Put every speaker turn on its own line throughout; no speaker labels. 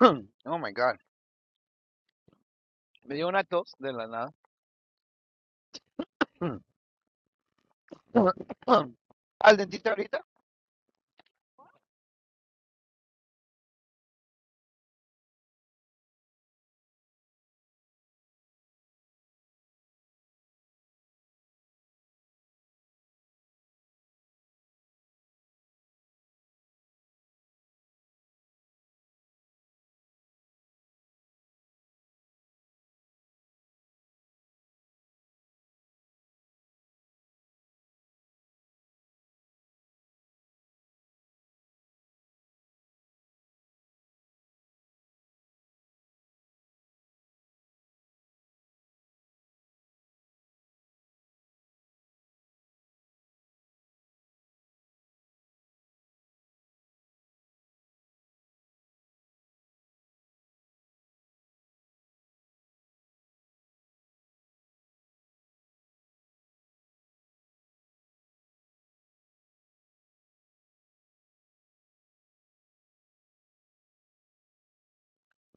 Oh my God. Me dio una tos de la nada. Al dentista ahorita.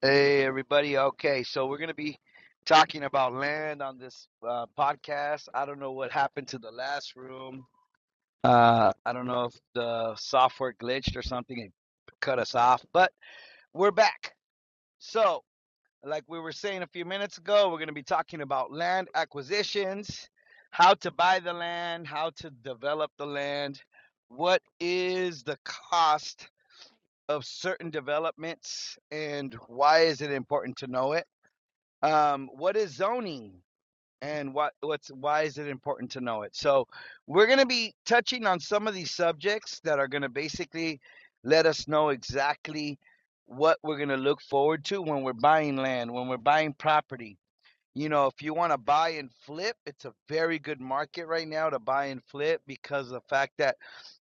Hey, everybody. Okay, so we're going to be talking about land on this uh, podcast. I don't know what happened to the last room. Uh, I don't know if the software glitched or something and cut us off, but we're back. So. Like we were saying a few minutes ago, we're going to be talking about land acquisitions, how to buy the land, how to develop the land, what is the cost of certain developments, and why is it important to know it? Um, what is zoning? and what what's why is it important to know it so we're going to be touching on some of these subjects that are going to basically let us know exactly what we're going to look forward to when we're buying land when we're buying property you know if you want to buy and flip it's a very good market right now to buy and flip because of the fact that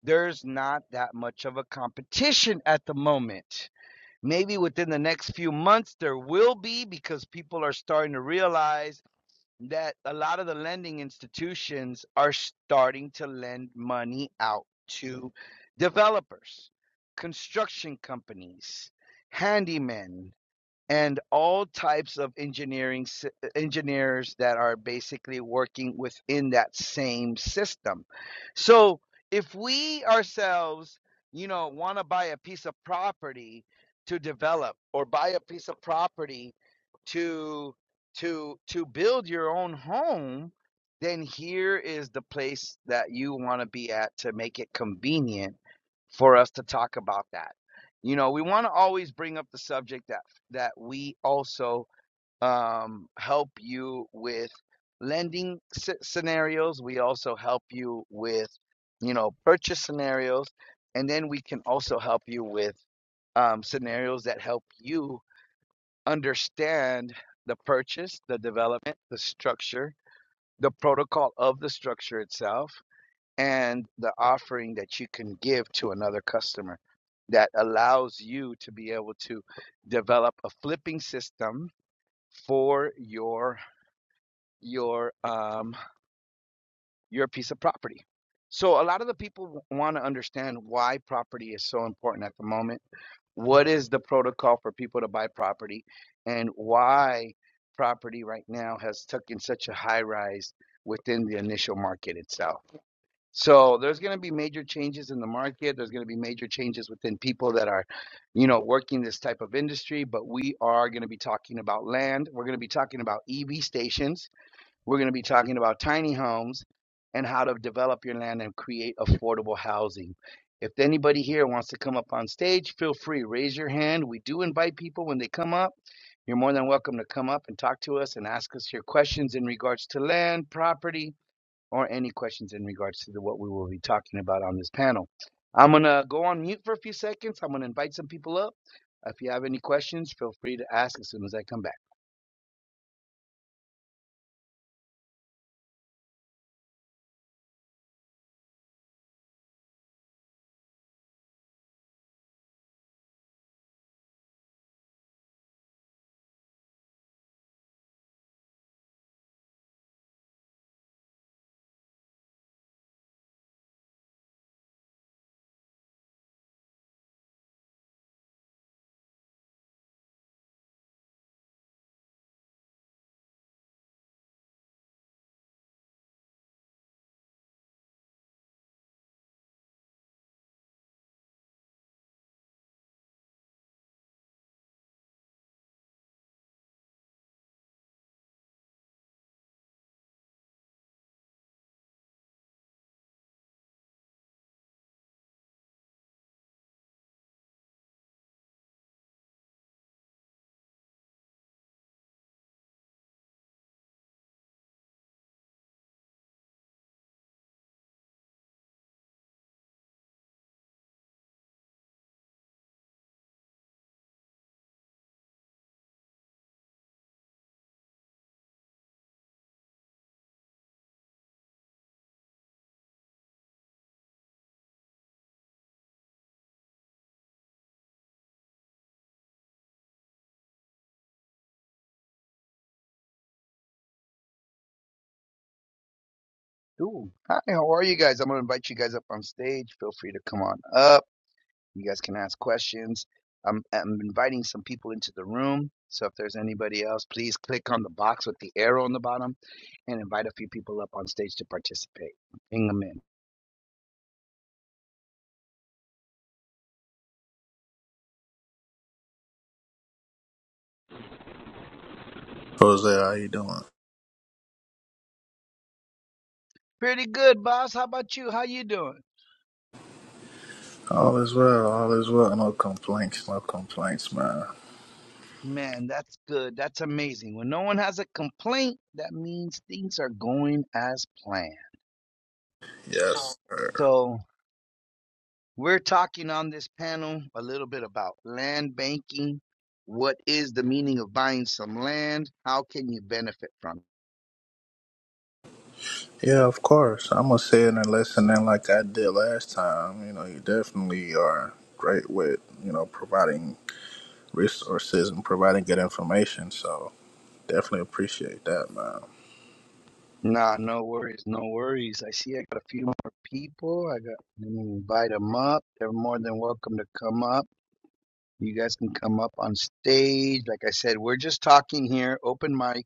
there's not that much of a competition at the moment maybe within the next few months there will be because people are starting to realize that a lot of the lending institutions are starting to lend money out to developers, construction companies, handymen, and all types of engineering engineers that are basically working within that same system. So if we ourselves, you know, want to buy a piece of property to develop or buy a piece of property to to to build your own home, then here is the place that you want to be at to make it convenient for us to talk about that. You know, we want to always bring up the subject that that we also um, help you with lending sce- scenarios. We also help you with you know purchase scenarios, and then we can also help you with um, scenarios that help you understand the purchase, the development, the structure, the protocol of the structure itself and the offering that you can give to another customer that allows you to be able to develop a flipping system for your your um your piece of property. So a lot of the people want to understand why property is so important at the moment. What is the protocol for people to buy property and why property right now has taken such a high rise within the initial market itself? So there's going to be major changes in the market. There's going to be major changes within people that are, you know, working this type of industry. But we are going to be talking about land. We're going to be talking about EV stations. We're going to be talking about tiny homes and how to develop your land and create affordable housing. If anybody here wants to come up on stage, feel free, raise your hand. We do invite people when they come up. You're more than welcome to come up and talk to us and ask us your questions in regards to land, property, or any questions in regards to the, what we will be talking about on this panel. I'm going to go on mute for a few seconds. I'm going to invite some people up. If you have any questions, feel free to ask as soon as I come back. Ooh, hi, how are you guys? I'm going to invite you guys up on stage. Feel free to come on up. You guys can ask questions. I'm, I'm inviting some people into the room. So if there's anybody else, please click on the box with the arrow on the bottom and invite a few people up on stage to participate. Bring them in.
Jose, how you doing?
Pretty good, boss. How about you? How you doing?
All is well, all is well. No complaints, no complaints, man.
Man, that's good. That's amazing. When no one has a complaint, that means things are going as planned.
Yes, sir.
So, we're talking on this panel a little bit about land banking. What is the meaning of buying some land? How can you benefit from it?
Yeah, of course. I'm gonna say it and listen in like I did last time. You know, you definitely are great with, you know, providing resources and providing good information. So definitely appreciate that, man.
Nah, no worries, no worries. I see I got a few more people. I got let me invite them up. They're more than welcome to come up. You guys can come up on stage. Like I said, we're just talking here, open mic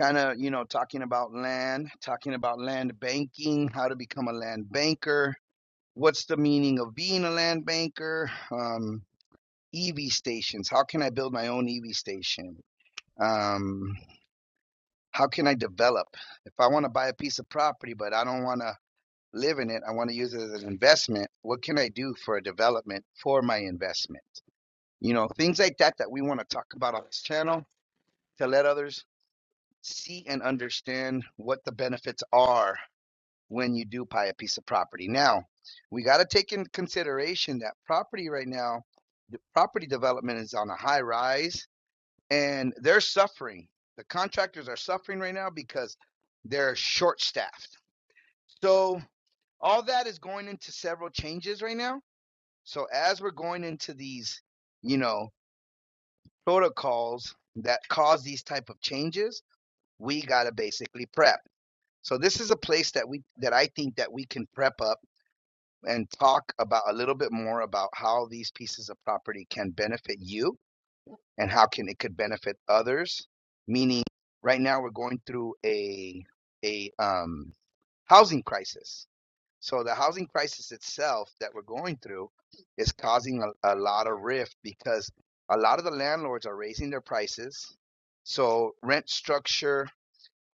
kind of you know talking about land talking about land banking how to become a land banker what's the meaning of being a land banker um, ev stations how can i build my own ev station um, how can i develop if i want to buy a piece of property but i don't want to live in it i want to use it as an investment what can i do for a development for my investment you know things like that that we want to talk about on this channel to let others see and understand what the benefits are when you do buy a piece of property. Now, we got to take into consideration that property right now, the property development is on a high rise and they're suffering. The contractors are suffering right now because they're short staffed. So, all that is going into several changes right now. So, as we're going into these, you know, protocols that cause these type of changes, we got to basically prep. So, this is a place that we that I think that we can prep up and talk about a little bit more about how these pieces of property can benefit you and how can it could benefit others meaning right now we're going through a a um, housing crisis so the housing crisis itself that we're going through is causing a, a lot of rift because a lot of the landlords are raising their prices so rent structure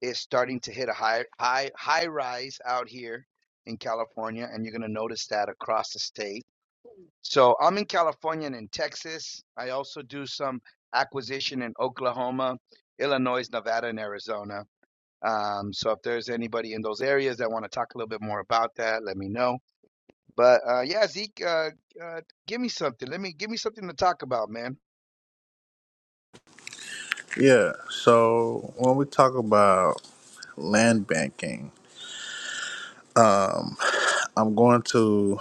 is starting to hit a high high high rise out here in California and you're going to notice that across the state so I'm in California and in Texas. I also do some acquisition in Oklahoma, Illinois, Nevada, and Arizona. Um, so if there's anybody in those areas that want to talk a little bit more about that, let me know. But uh, yeah, Zeke, uh, uh, give me something. Let me give me something to talk about, man.
Yeah, so when we talk about land banking, um, I'm going to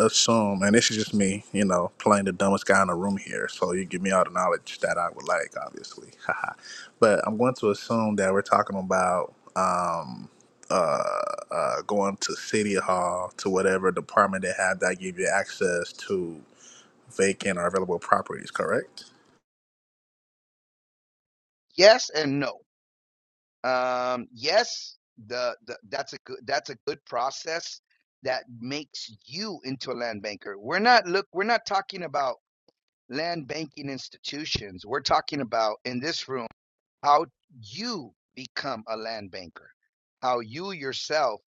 assume, and this is just me, you know, playing the dumbest guy in the room here. So you give me all the knowledge that I would like, obviously. Haha. but I'm going to assume that we're talking about um, uh, uh, going to City Hall, to whatever department they have that give you access to vacant or available properties, correct?
Yes and no. Um, yes, the, the that's a good that's a good process that makes you into a land banker. We're not look. We're not talking about land banking institutions. We're talking about in this room how you become a land banker, how you yourself,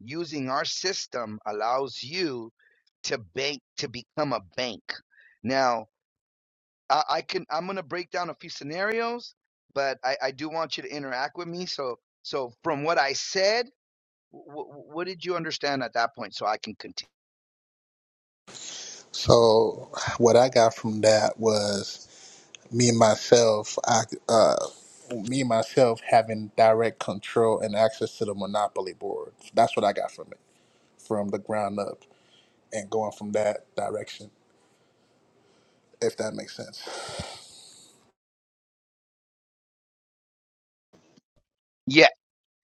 using our system, allows you to bank to become a bank. Now, I, I can I'm gonna break down a few scenarios, but I, I do want you to interact with me. So so from what I said, w- what did you understand at that point? So I can continue.
So what I got from that was me and myself, I, uh, me and myself having direct control and access to the monopoly board. That's what I got from it, from the ground up, and going from that direction, if that makes sense.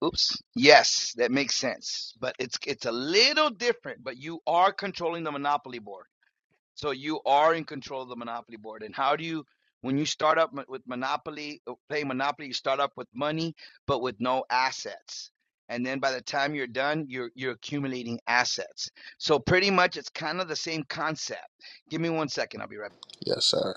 Oops. Yes, that makes sense. But it's it's a little different, but you are controlling the monopoly board. So you are in control of the monopoly board. And how do you when you start up mo- with monopoly, uh, play monopoly, you start up with money but with no assets. And then by the time you're done, you're you're accumulating assets. So pretty much it's kind of the same concept. Give me one second, I'll be right
Yes, sir.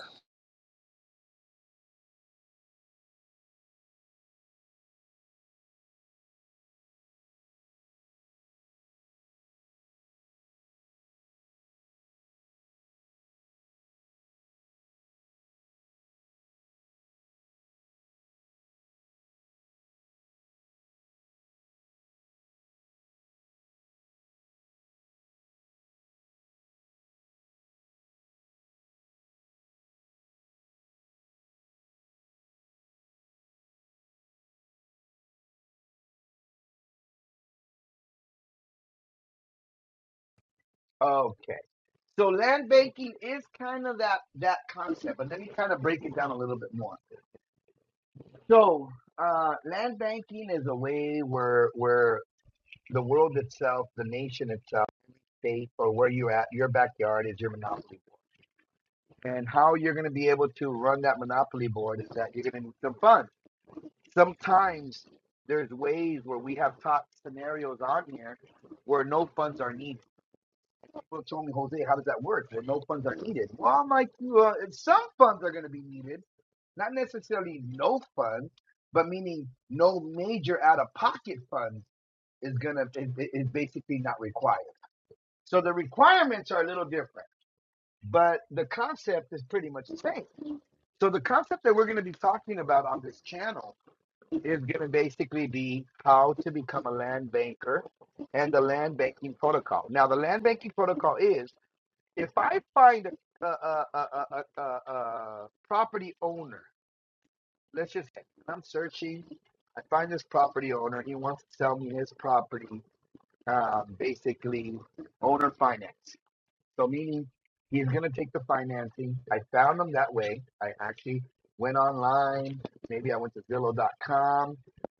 back. Okay. So land banking is kind of that that concept, but let me kind of break it down a little bit more. So, uh, land banking is a way where where the world itself, the nation itself, state, or where you're at, your backyard is your monopoly board. And how you're going to be able to run that monopoly board is that you're going to need some funds. Sometimes there's ways where we have taught scenarios on here where no funds are needed. People told me, Jose, how does that work? Well, no funds are needed. Well, I'm like, well, some funds are going to be needed not necessarily no funds, but meaning no major out of pocket funds is gonna is, is basically not required. So the requirements are a little different, but the concept is pretty much the same. So the concept that we're going to be talking about on this channel is going to basically be how to become a land banker and the land banking protocol. Now the land banking protocol is if I find a, a, a, a, a, a a property owner let's just say I'm searching. I find this property owner. He wants to sell me his property, um, basically owner finance. So meaning he's gonna take the financing. I found him that way. I actually went online. Maybe I went to Zillow.com.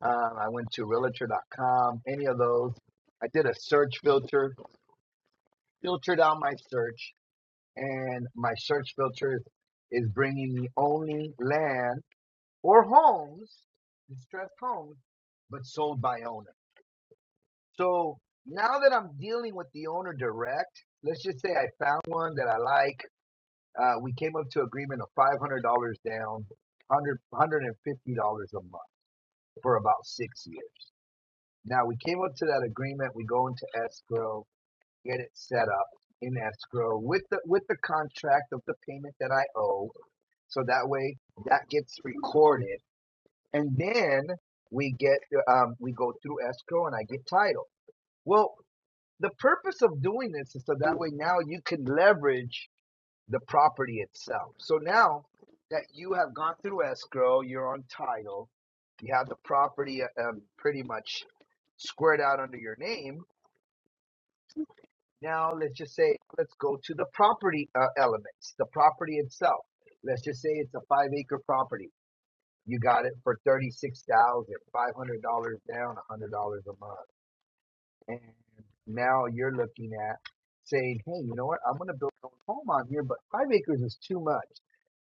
Um, I went to Realtor.com. Any of those. I did a search filter, filtered out my search, and my search filter is bringing me only land or homes, distressed homes, but sold by owner. So now that I'm dealing with the owner direct, let's just say I found one that I like. Uh, we came up to agreement of $500 down, 100, $150 a month for about six years. Now we came up to that agreement. We go into escrow, get it set up in escrow with the with the contract of the payment that I owe. So that way that gets recorded and then we get um, we go through escrow and I get title. Well, the purpose of doing this is so that way now you can leverage the property itself. So now that you have gone through escrow, you're on title, you have the property uh, um, pretty much squared out under your name. Now let's just say let's go to the property uh, elements, the property itself. Let's just say it's a five acre property You got it for thirty-six thousand five hundred dollars down, a hundred dollars a month, and now you're looking at saying, "Hey, you know what? I'm going to build my own home on here, but five acres is too much."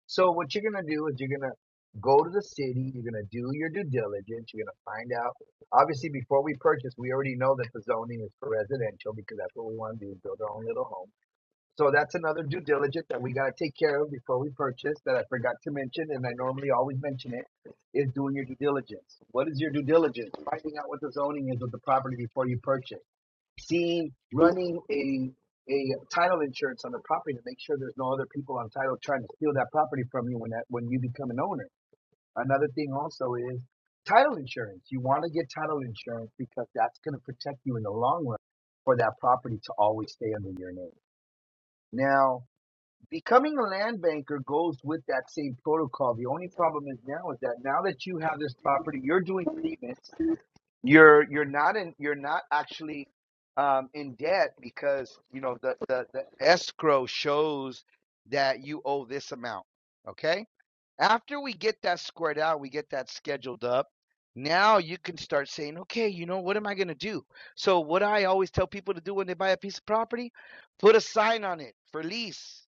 So what you're going to do is you're going to go to the city. You're going to do your due diligence. You're going to find out. Obviously, before we purchase, we already know that the zoning is for residential because that's what we want to do: build our own little home so that's another due diligence that we got to take care of before we purchase that I forgot to mention, and I normally always mention it, is doing your due diligence. What is your due diligence? Finding out what the zoning is of the property before you purchase. Seeing, running a a title insurance on the property to make sure there's no other people on title trying to steal that property from you when that when you become an owner. Another thing also is title insurance. You want to get title insurance because that's going to protect you in the long run for that property to always stay under your name. Now, Becoming a land banker goes with that same protocol. The only problem is now is that now that you have this property, you're doing payments. You're you're not in you're not actually um, in debt because you know the, the the escrow shows that you owe this amount. Okay. After we get that squared out, we get that scheduled up. Now you can start saying, okay, you know what am I going to do? So what I always tell people to do when they buy a piece of property, put a sign on it for lease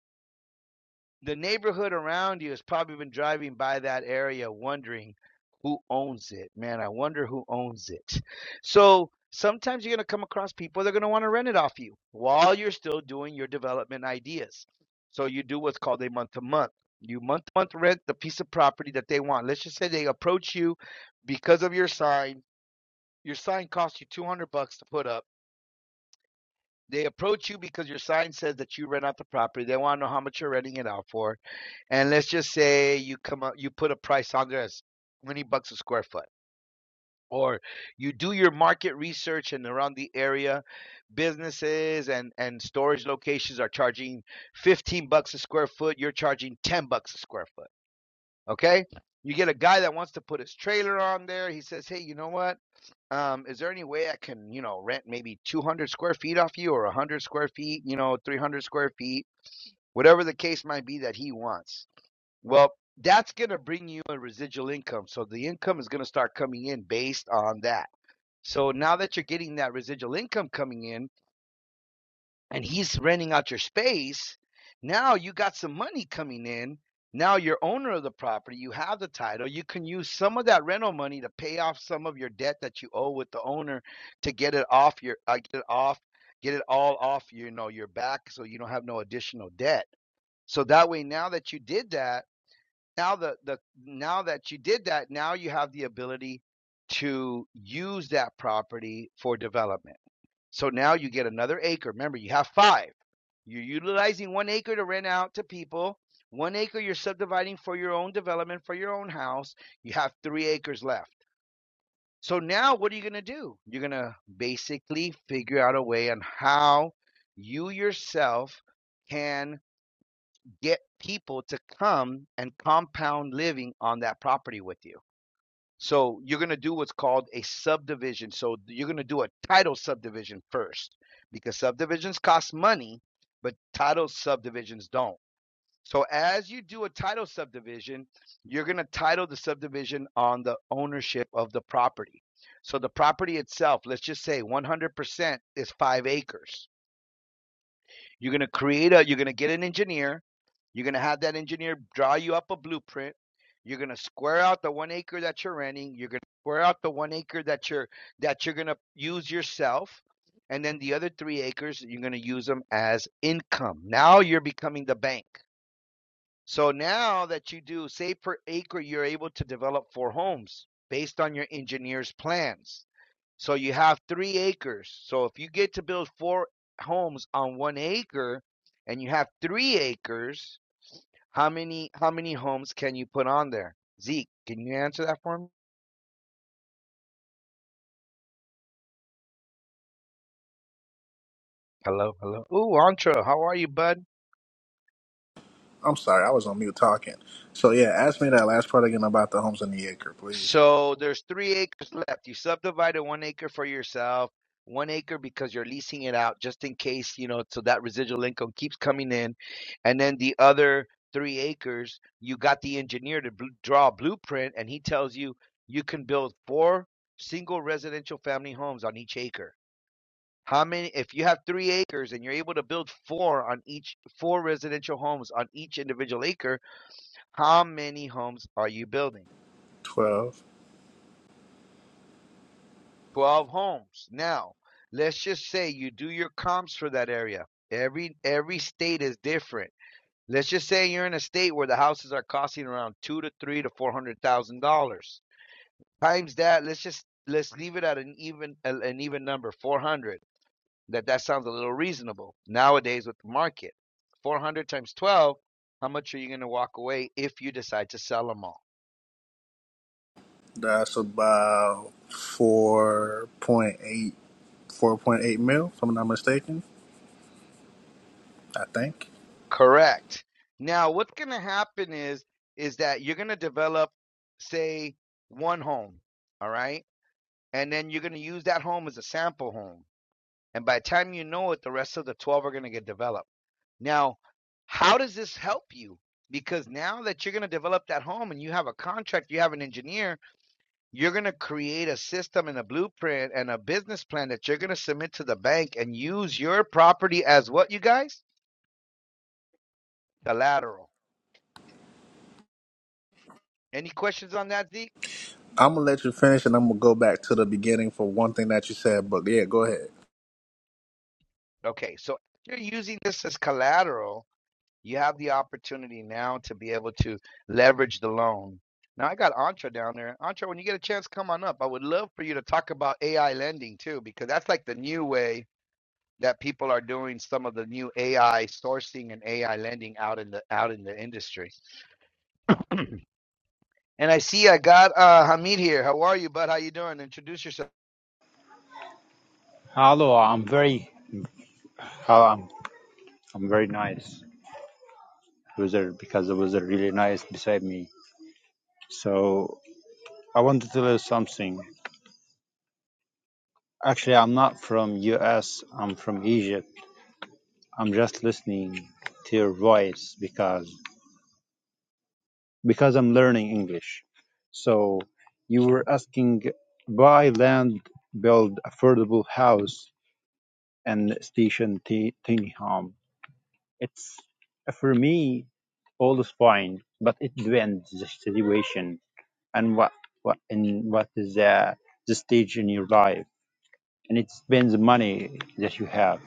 the neighborhood around you has probably been driving by that area wondering who owns it. Man, I wonder who owns it. So sometimes you're going to come across people that are going to want to rent it off you while you're still doing your development ideas. So you do what's called a month to month. You month to month rent the piece of property that they want. Let's just say they approach you because of your sign. Your sign costs you 200 bucks to put up they approach you because your sign says that you rent out the property. They want to know how much you're renting it out for. And let's just say you come up, you put a price on there as 20 bucks a square foot. Or you do your market research and around the area, businesses and, and storage locations are charging 15 bucks a square foot. You're charging 10 bucks a square foot. Okay. You get a guy that wants to put his trailer on there. He says, Hey, you know what? um, is there any way I can, you know, rent maybe 200 square feet off you or 100 square feet, you know, 300 square feet, whatever the case might be that he wants? Well, that's going to bring you a residual income. So the income is going to start coming in based on that. So now that you're getting that residual income coming in, and he's renting out your space. Now you got some money coming in. Now you're owner of the property. You have the title. You can use some of that rental money to pay off some of your debt that you owe with the owner to get it off your uh, get it off get it all off you know your back so you don't have no additional debt. So that way now that you did that, now the the now that you did that, now you have the ability to use that property for development so now you get another acre. Remember, you have five. You're utilizing one acre to rent out to people. One acre you're subdividing for your own development, for your own house. You have three acres left. So now what are you going to do? You're going to basically figure out a way on how you yourself can get people to come and compound living on that property with you. So you're going to do what's called a subdivision. So you're going to do a title subdivision first because subdivisions cost money, but title subdivisions don't. So as you do a title subdivision, you're going to title the subdivision on the ownership of the property. So the property itself, let's just say 100% is 5 acres. You're going to create a, you're going to get an engineer. You're going to have that engineer draw you up a blueprint. You're going to square out the one acre that you're renting. You're going to square out the one acre that you're, that you're going to use yourself. And then the other three acres, you're going to use them as income. Now you're becoming the bank. So now that you do, say per acre, you're able to develop four homes based on your engineer's plans. So you have three acres. So if you get to build four homes on one acre and you have three acres, how many how many homes can you put on there? Zeke, can you answer that for me? Hello, hello. Ooh, Antra, how are you, bud?
I'm sorry, I was on mute talking. So yeah, ask me that last part again about the homes in the acre, please.
So there's three acres left. You subdivided one acre for yourself, one acre because you're leasing it out just in case, you know, so that residual income keeps coming in. And then the other three acres, you got the engineer to bl- draw a blueprint and he tells you you can build four single residential family homes on each acre. How many, if you have three acres and you're able to build four on each, four residential homes on each individual acre, how many homes are you building?
Twelve.
12 homes. Now, let's just say you do your comps for that area. Every every state is different. Let's just say you're in a state where the houses are costing around two to three to four hundred thousand dollars. Times that, let's just let's leave it at an even an even number, four hundred. That that sounds a little reasonable nowadays with the market. Four hundred times twelve. How much are you going to walk away if you decide to sell them all?
That's about four point eight, four point eight mil, if I'm not mistaken. I think.
Correct. Now, what's going to happen is is that you're going to develop, say, one home, all right, and then you're going to use that home as a sample home, and by the time you know it, the rest of the twelve are going to get developed. Now, how does this help you? Because now that you're going to develop that home and you have a contract, you have an engineer, you're going to create a system and a blueprint and a business plan that you're going to submit to the bank and use your property as what you guys collateral. Any questions on that, Z?
I'm gonna let you finish, and I'm gonna go back to the beginning for one thing that you said. But yeah, go ahead.
Okay, so if you're using this as collateral, you have the opportunity now to be able to leverage the loan. Now I got Antra down there. Antra, when you get a chance, come on up. I would love for you to talk about AI lending too, because that's like the new way that people are doing some of the new AI sourcing and AI lending out in the out in the industry. And I see I got uh, Hamid here. How are you, bud? How you doing? Introduce yourself.
Hello, I'm very, uh, I'm, I'm very nice wizard because it was a really nice beside me. So I want to tell you something. Actually, I'm not from U.S. I'm from Egypt. I'm just listening to your voice because because I'm learning English. So you were asking buy land, build affordable house and station t- tiny home. It's for me all is fine, but it depends the situation and what what and what is the the stage in your life, and it depends the money that you have.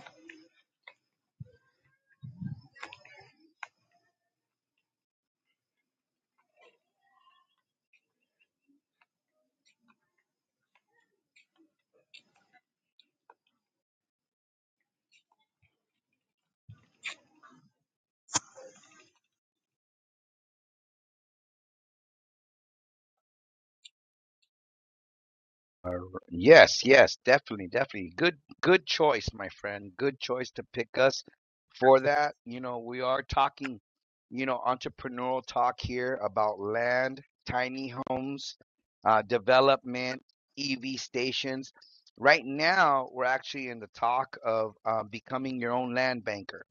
All Yes, yes, definitely, definitely. Good, good choice, my friend. Good choice to pick us for that. You know, we are talking, you know, entrepreneurial talk here about land, tiny homes, uh, development, EV stations. Right now, we're actually in the talk of um, becoming your own land banker.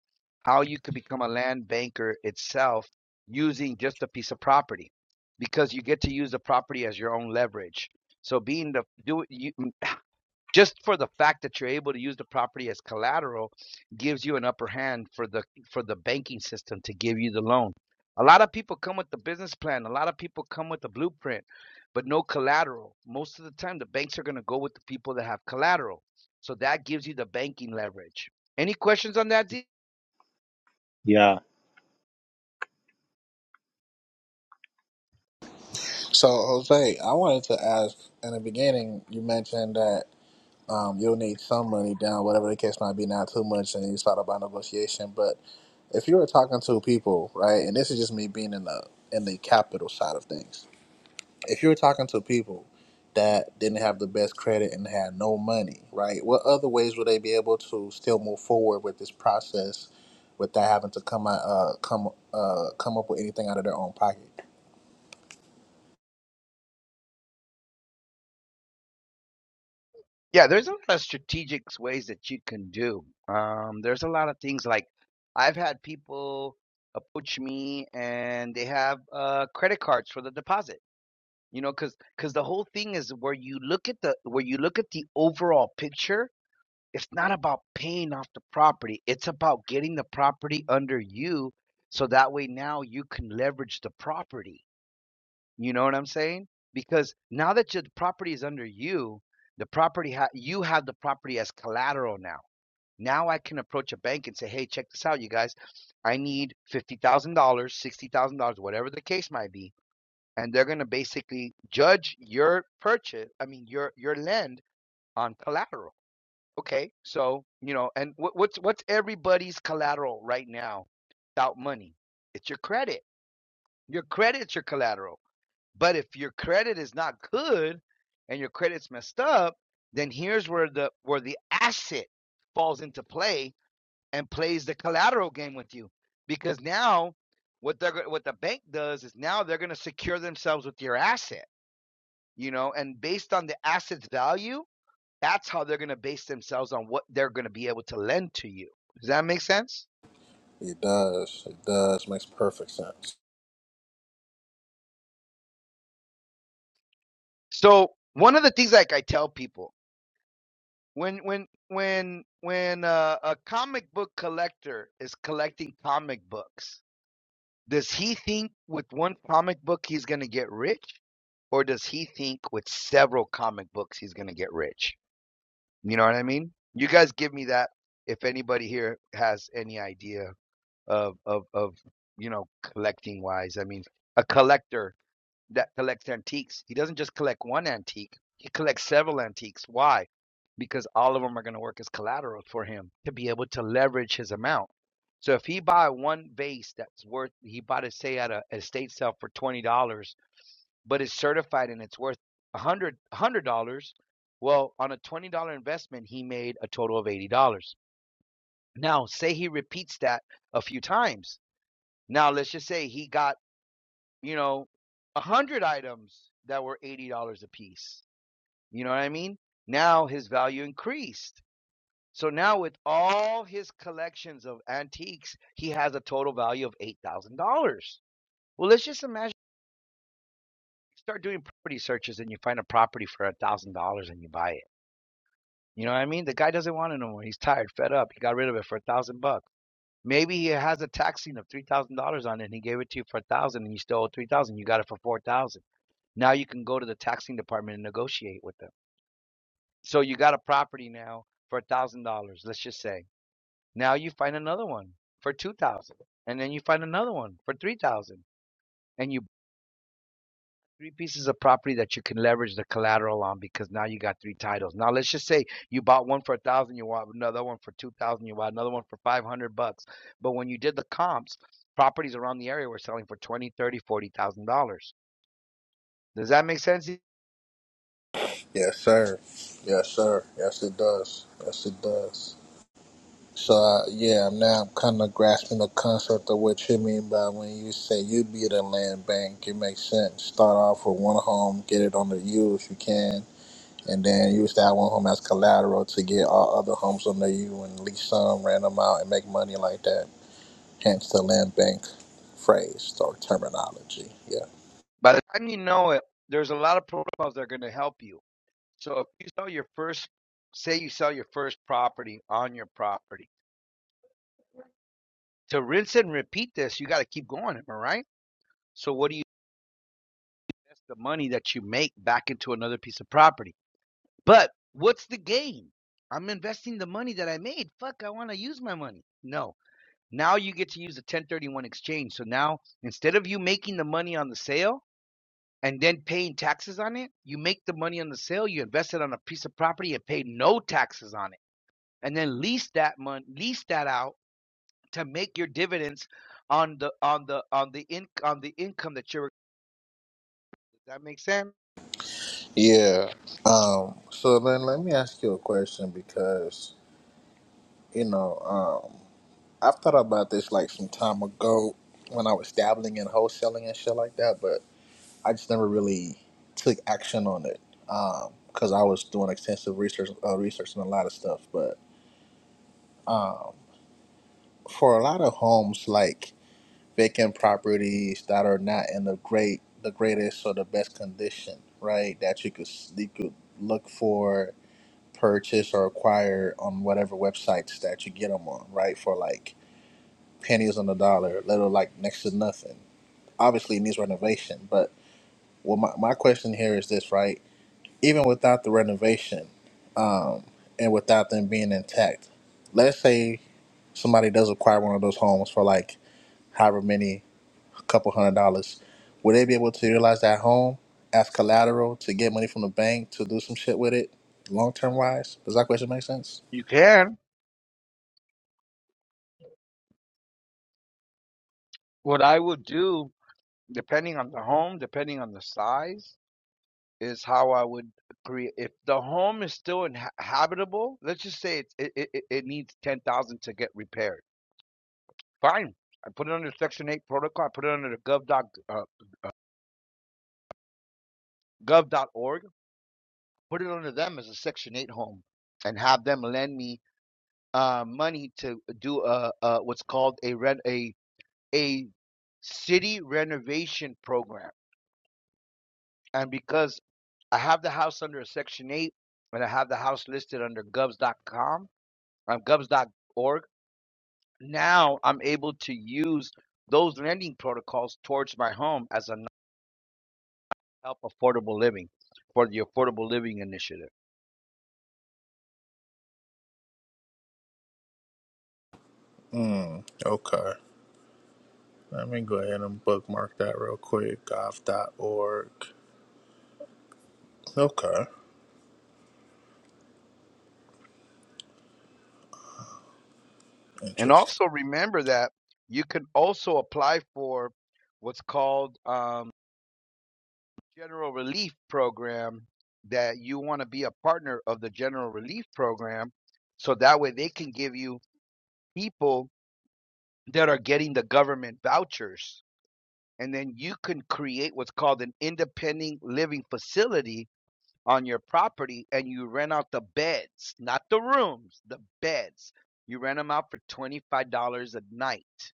How you could become a land banker itself using just a piece of property, because you get to use the property as your own leverage so being the do you just for the fact that you're able to use the property as collateral gives you an upper hand for the for the banking system to give you the loan. A lot of people come with the business plan, a lot of people come with the blueprint, but no collateral. Most of the time the banks are going to go with the people that have collateral. So that gives you the banking leverage. Any questions on that, Z?
So Jose, I wanted to ask. In the beginning, you mentioned that um, you'll need some money down, whatever the case might be, not too much, and you start about negotiation. But if you were talking to people, right, and this is just me being in the in the capital side of things, if you're talking to people that didn't have the best credit and had no money, right? What other ways would they be able to still move forward with this process without having to come out, uh, come uh, come up with anything out of their own pocket?
Yeah, there's a lot of strategic ways that you can do. Um, there's a lot of things like I've had people approach me and they have uh, credit cards for the deposit. You know, because because the whole thing is where you look at the where you look at the overall picture. It's not about paying off the property. It's about getting the property under you, so that way now you can leverage the property. You know what I'm saying? Because now that your property is under you, the property ha- you have the property as collateral now. Now I can approach a bank and say, "Hey, check this out, you guys. I need fifty thousand dollars, sixty thousand dollars, whatever the case might be," and they're gonna basically judge your purchase. I mean, your your lend on collateral. Okay, so you know, and what, what's what's everybody's collateral right now? Without money, it's your credit. Your credit's your collateral. But if your credit is not good and your credit's messed up, then here's where the where the asset falls into play and plays the collateral game with you. Because now what they're what the bank does is now they're going to secure themselves with your asset, you know, and based on the asset's value, that's how they're going to base themselves on what they're going to be able to lend to you. Does that make sense?
It does. It does. Makes perfect sense.
So, one of the things like I tell people When when when when uh, a comic book collector is collecting comic books, does he think with one comic book he's going to get rich, or does he think with several comic books he's going to get rich? You know what I mean? You guys give me that if anybody here has any idea of of of you know collecting wise. I mean, a collector that collects antiques. He doesn't just collect one antique, he collects several antiques. Why? Because all of them are going to work as collateral for him to be able to leverage his amount. So if he buy one vase that's worth, he bought it, say, at a estate sale for $20, but it's certified and it's worth a hundred dollars, one hundred dollars well, on a $20 investment, he made a total of $80. Now, say he repeats that a few times. Now, let's just say he got you know, a hundred items that were eighty dollars a piece. You know what I mean? Now his value increased. So now with all his collections of antiques, he has a total value of eight thousand dollars. Well, let's just imagine you start doing property searches and you find a property for a thousand dollars and you buy it. You know what I mean? The guy doesn't want it no more. He's tired, fed up. He got rid of it for a thousand bucks. Maybe he has a tax lien of three thousand dollars on it and he gave it to you for a thousand and you stole three thousand. You got it for four thousand. Now you can go to the taxing department and negotiate with them. So you got a property now for a thousand dollars, let's just say. Now you find another one for two thousand, dollars, and then you find another one for three thousand, dollars, and you buy three pieces of property that you can leverage the collateral on because now you got three titles. Now let's just say you bought one for a thousand, dollars, you bought another one for two thousand, dollars, you bought another one for five hundred bucks. But when you did the comps, properties around the area were selling for twenty, thousand dollars, thirty, thousand dollars, forty thousand dollars. Does that make sense?
Yes, sir. Yes, sir. Yes, it does. Yes, it does. So uh, yeah, now I'm kind of grasping the concept of what you mean by when you say you be the land bank. It makes sense. Start off with one home, get it under you if you can, and then use that one home as collateral to get all other homes under you and lease some, rent them out, and make money like that. Hence the land bank phrase or terminology. Yeah,
By the time you know it, there's a lot of protocols that are going to help you. So if you sell your first, say you sell your first property on your property, to rinse and repeat this, you got to keep going, am I right? So what do you invest the money that you make back into another piece of property? But what's the gain? I'm investing the money that I made. Fuck, I want to use my money. No. Now you get to use the 1031 exchange. So now instead of you making the money on the sale, and then paying taxes on it. You make the money on the sale, you invest it on a piece of property and pay no taxes on it, and then lease that money, lease that out to make your dividends on the on the on the in on the income that you're. Does that make sense?
yeah. Um, so then let me ask you a question because you know. um. I've thought about this like some time ago when I was dabbling in wholesaling and shit like that, but I just never really took action on it because I was doing extensive research, uh, research and a lot of stuff. But um, for a lot of homes, like vacant properties that are not in the great, the greatest or the best condition, right? That you could you could look for, purchase or acquire on whatever websites that you get them on, right? For like pennies on the dollar, little like next to nothing obviously it needs renovation. But well, my, my question here is this, right? Even without the renovation, um, and without them being intact, let's say somebody does acquire one of those homes for like however many, a couple hundred dollars, would they be able to utilize that home as collateral to get money from the bank to do some shit with it, long term wise? Does that question make sense?
You can. What I would do, depending on the home, depending on the size, is how I would create. If the home is still in, habitable, let's just say it, it it it needs ten thousand to get repaired. Fine. I put it under Section 8 protocol. I put it under the gov.gov gov.org, put it under them as a Section 8 home, and have them lend me uh, money to do a, a what's called a rent a a city renovation program. And because I have the house under a Section 8, and I have the house listed under govs.com, um, govs.org, now I'm able to use those lending protocols towards my home as a help affordable living for the affordable living initiative.
Hmm. okay. Let me go ahead and bookmark that real quick. Gov. dot Org. Okay.
And
Interesting.
also remember that you can also apply for what's called um, general relief program that you want to be a partner of the general relief program so that way they can give you people that are getting the government vouchers and then you can create what's called an independent living facility on your property and you rent out the beds not the rooms the beds you rent them out for $25 a night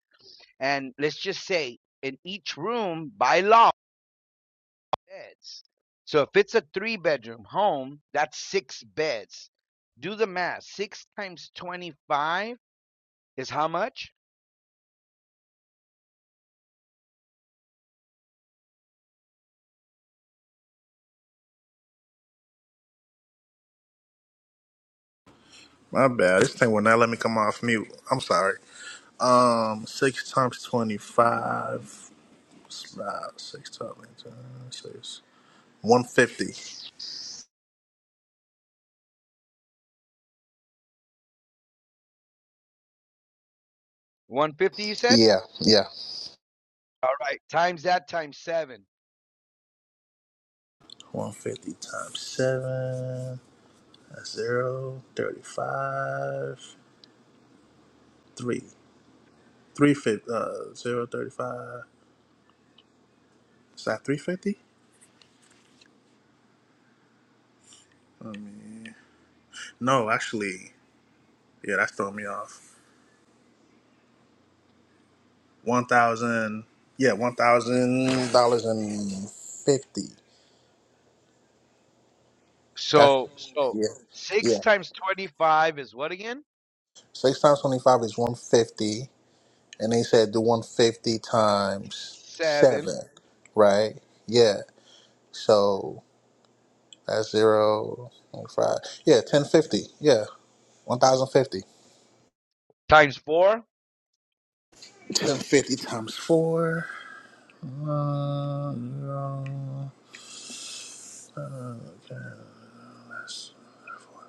and let's just say in each room by law beds. So if it's a three bedroom home, that's six beds. Do the math. Six times twenty five is how much?
My bad. This thing will not let me come off mute. I'm sorry. Um, six times twenty-five. it's About six times six. One fifty.
One hundred fifty you said?
Yeah, yeah.
All right. Times that times seven.
One fifty times seven. That's zero. Thirty-five. Three. Three fifty. Uh, zero thirty-five. Is that three fifty? I mean, No, actually, yeah, that's throwing me off. One thousand. Yeah, one thousand dollars and fifty. That's
So so
yeah,
six
yeah.
times twenty five is what again?
Six times twenty-five is one fifty, and they said do one fifty times
Seven.
seven, right? Yeah. So that's zero and five. Yeah, ten fifty. Yeah, one thousand fifty.
Times four.
Ten fifty times four. Uh, zero, uh, that's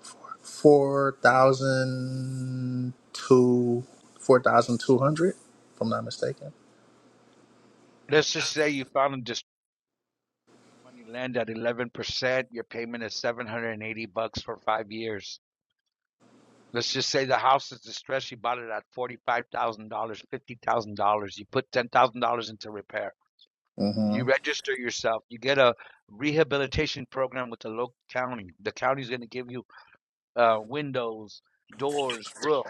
Four Four thousand two, four thousand two hundred, if I'm not mistaken.
Let's just say you found a distressed money lend at eleven percent. Your payment is seven hundred and eighty bucks for five years. Let's just say the house is distressed. You bought it at forty-five thousand dollars, fifty thousand dollars. You put ten thousand dollars into repair.
hmm
You register yourself. You get a rehabilitation program with the local county. The county is going to give you uh, windows, doors, roof,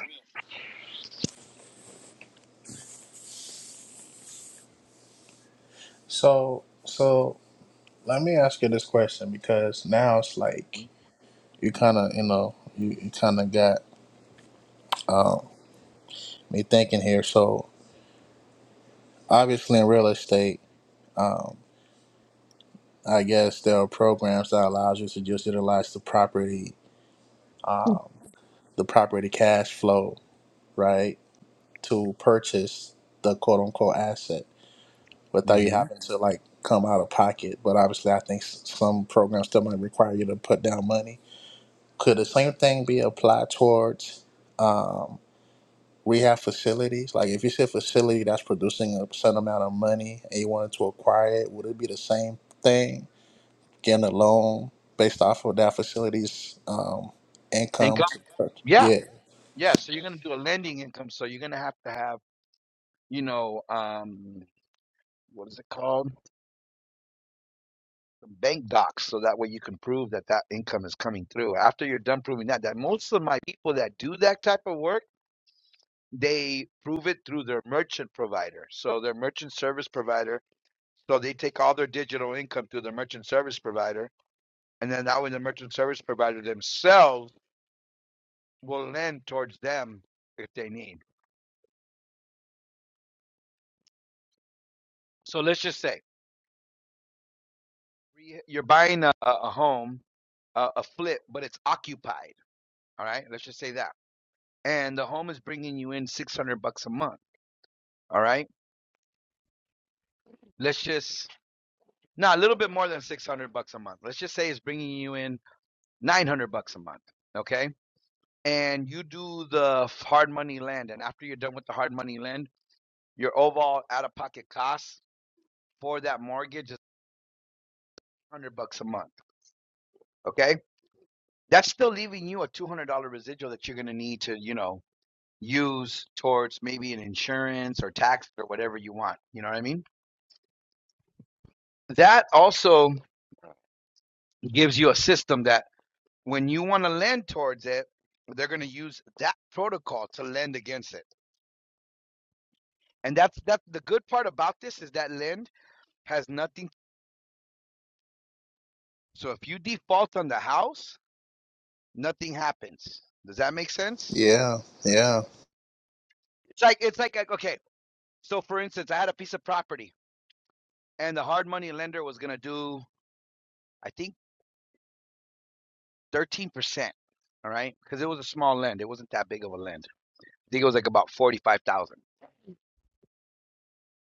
So, so let me ask you this question because now it's like you kind of, you know, you, you kind of got um, me thinking here. So, obviously, in real estate, um, I guess there are programs that allows you to just utilize the property, um, the property cash flow, right, to purchase the quote unquote asset without you
hmm
having to like come out of pocket. But obviously, I think s- some programs still might require you to put down money Could the same thing be applied towards rehab facilities? Like if you see a facility that's producing a certain amount of money and you wanted to acquire it, would it be the same thing? Getting a loan based off of that facility's um, income?
income.
To,
Yeah,
yeah,
yeah. So you're going to do a lending income. So you're going to have to have, you know, um, what is it called? Bank docs. So that way you can prove that that income is coming through. After you're done proving that, that most of my people that do that type of work they prove it through their merchant provider. So their merchant service provider, so they take all their digital income through their merchant service provider, and then that way the merchant service provider themselves will lend towards them if they need. So let's just say you're buying a, a home, a, a flip, but it's occupied. All right, let's just say that, and the home is bringing you in six hundred bucks a month. All right, let's just now a little bit more than six hundred bucks a month. Let's just say it's bringing you in nine hundred bucks a month. Okay, and you do the hard money lend, and after you're done with the hard money lend, your overall out of pocket cost for that mortgage is one hundred bucks a month. Okay, that's still leaving you a two hundred dollar residual that you're gonna need to, you know, use towards maybe an insurance or tax or whatever you want. You know what I mean? That also gives you a system that when you want to lend towards it, they're gonna use that protocol to lend against it. And that's that. the good part about this is that lend has nothing So if you default on the house, nothing happens. Does that make sense?
yeah, yeah.
It's like it's like like, okay. So for instance, I had a piece of property and the hard money lender was going to do I think 13%, all right? Cuz it was a small lend. It wasn't that big of a lend. I think it was like about 45,000.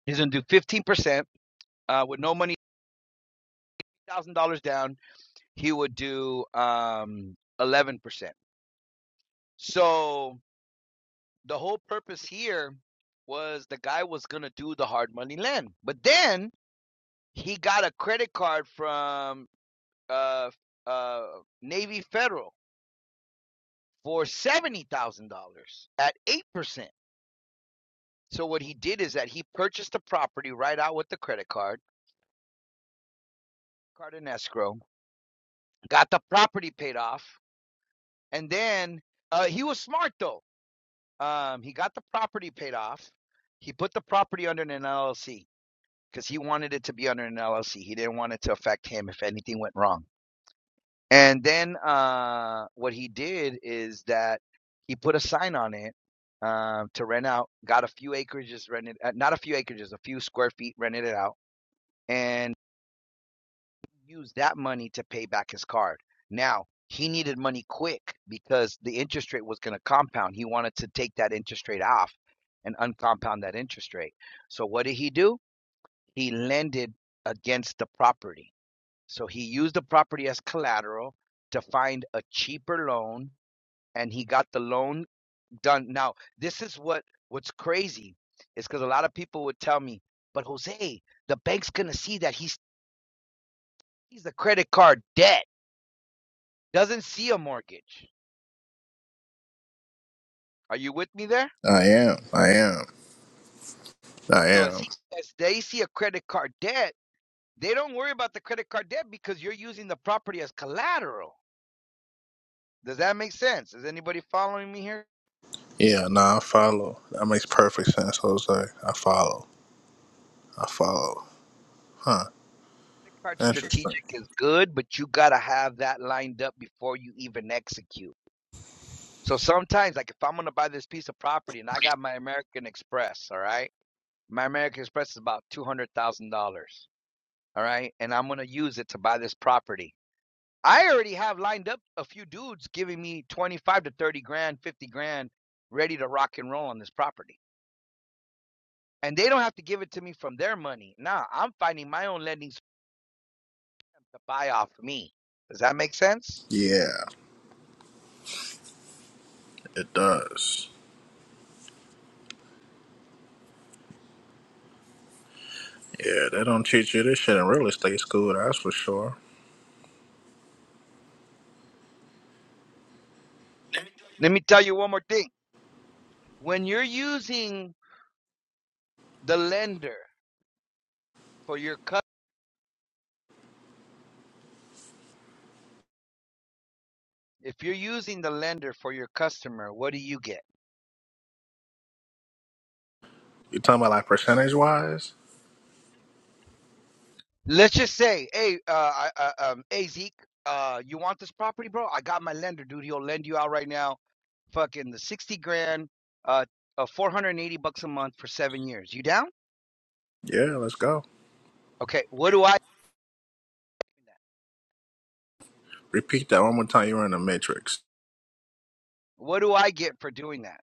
He's going to do 15% uh with no money, $1,000 down, he would do um 11%. So the whole purpose here was the guy was going to do the hard money lend. But then He got a credit card from uh uh Navy Federal for seventy thousand dollars at eight percent. So what he did is that he purchased the property right out with the credit card, card in escrow, got the property paid off, and then uh, he was smart though. Um, he got the property paid off. He put the property under an LLC because he wanted it to be under an LLC. He didn't want it to affect him if anything went wrong. And then uh, what he did is that he put a sign on it um, to rent out. Got a few acreages rented, uh, not a few acreages, a few square feet rented it out, and used that money to pay back his card. Now he needed money quick because the interest rate was going to compound. He wanted to take that interest rate off and uncompound that interest rate. So what did he do? He lended against the property. So he used the property as collateral to find a cheaper loan and he got the loan done. Now, this is what what's crazy is because a lot of people would tell me, but Jose, the bank's gonna see that he's he's a credit card debt, doesn't see a mortgage. Are you with me there?
I am. I am. I
So as
am.
he as they see a credit card debt, they don't worry about the credit card debt because you're using the property as collateral. Does that make sense? Is anybody following me here?
Yeah, no, I follow. That makes perfect sense, Jose. I follow. I follow. Huh.
Credit card
Interesting.
strategic is good, but you gotta have that lined up before you even execute So sometimes, like if I'm gonna buy this piece of property and I got my American Express, all right, my American Express is about two hundred thousand dollars, all right, and I'm gonna use it to buy this property. I already have lined up a few dudes giving me twenty five to thirty grand, fifty grand, ready to rock and roll on this property, and they don't have to give it to me from their money. Nah, I'm finding my own lending to buy off me. Does that make sense?
Yeah, it does. Yeah, they don't teach you this shit in real estate school, that's for sure.
Let me tell you one more thing. When you're using the lender for your customer, If you're using the lender for your customer, what do you get?
You talking about like percentage wise?
Let's just say, hey, uh, uh, um, hey Zeke, uh, you want this property, bro? I got my lender, dude. He'll lend you out right now. Fucking the sixty grand, uh, uh four hundred and eighty bucks a month for seven years. You down?
Yeah, let's go.
Okay. What do I?
Repeat that one more time. You were in the matrix.
What do I get for doing that?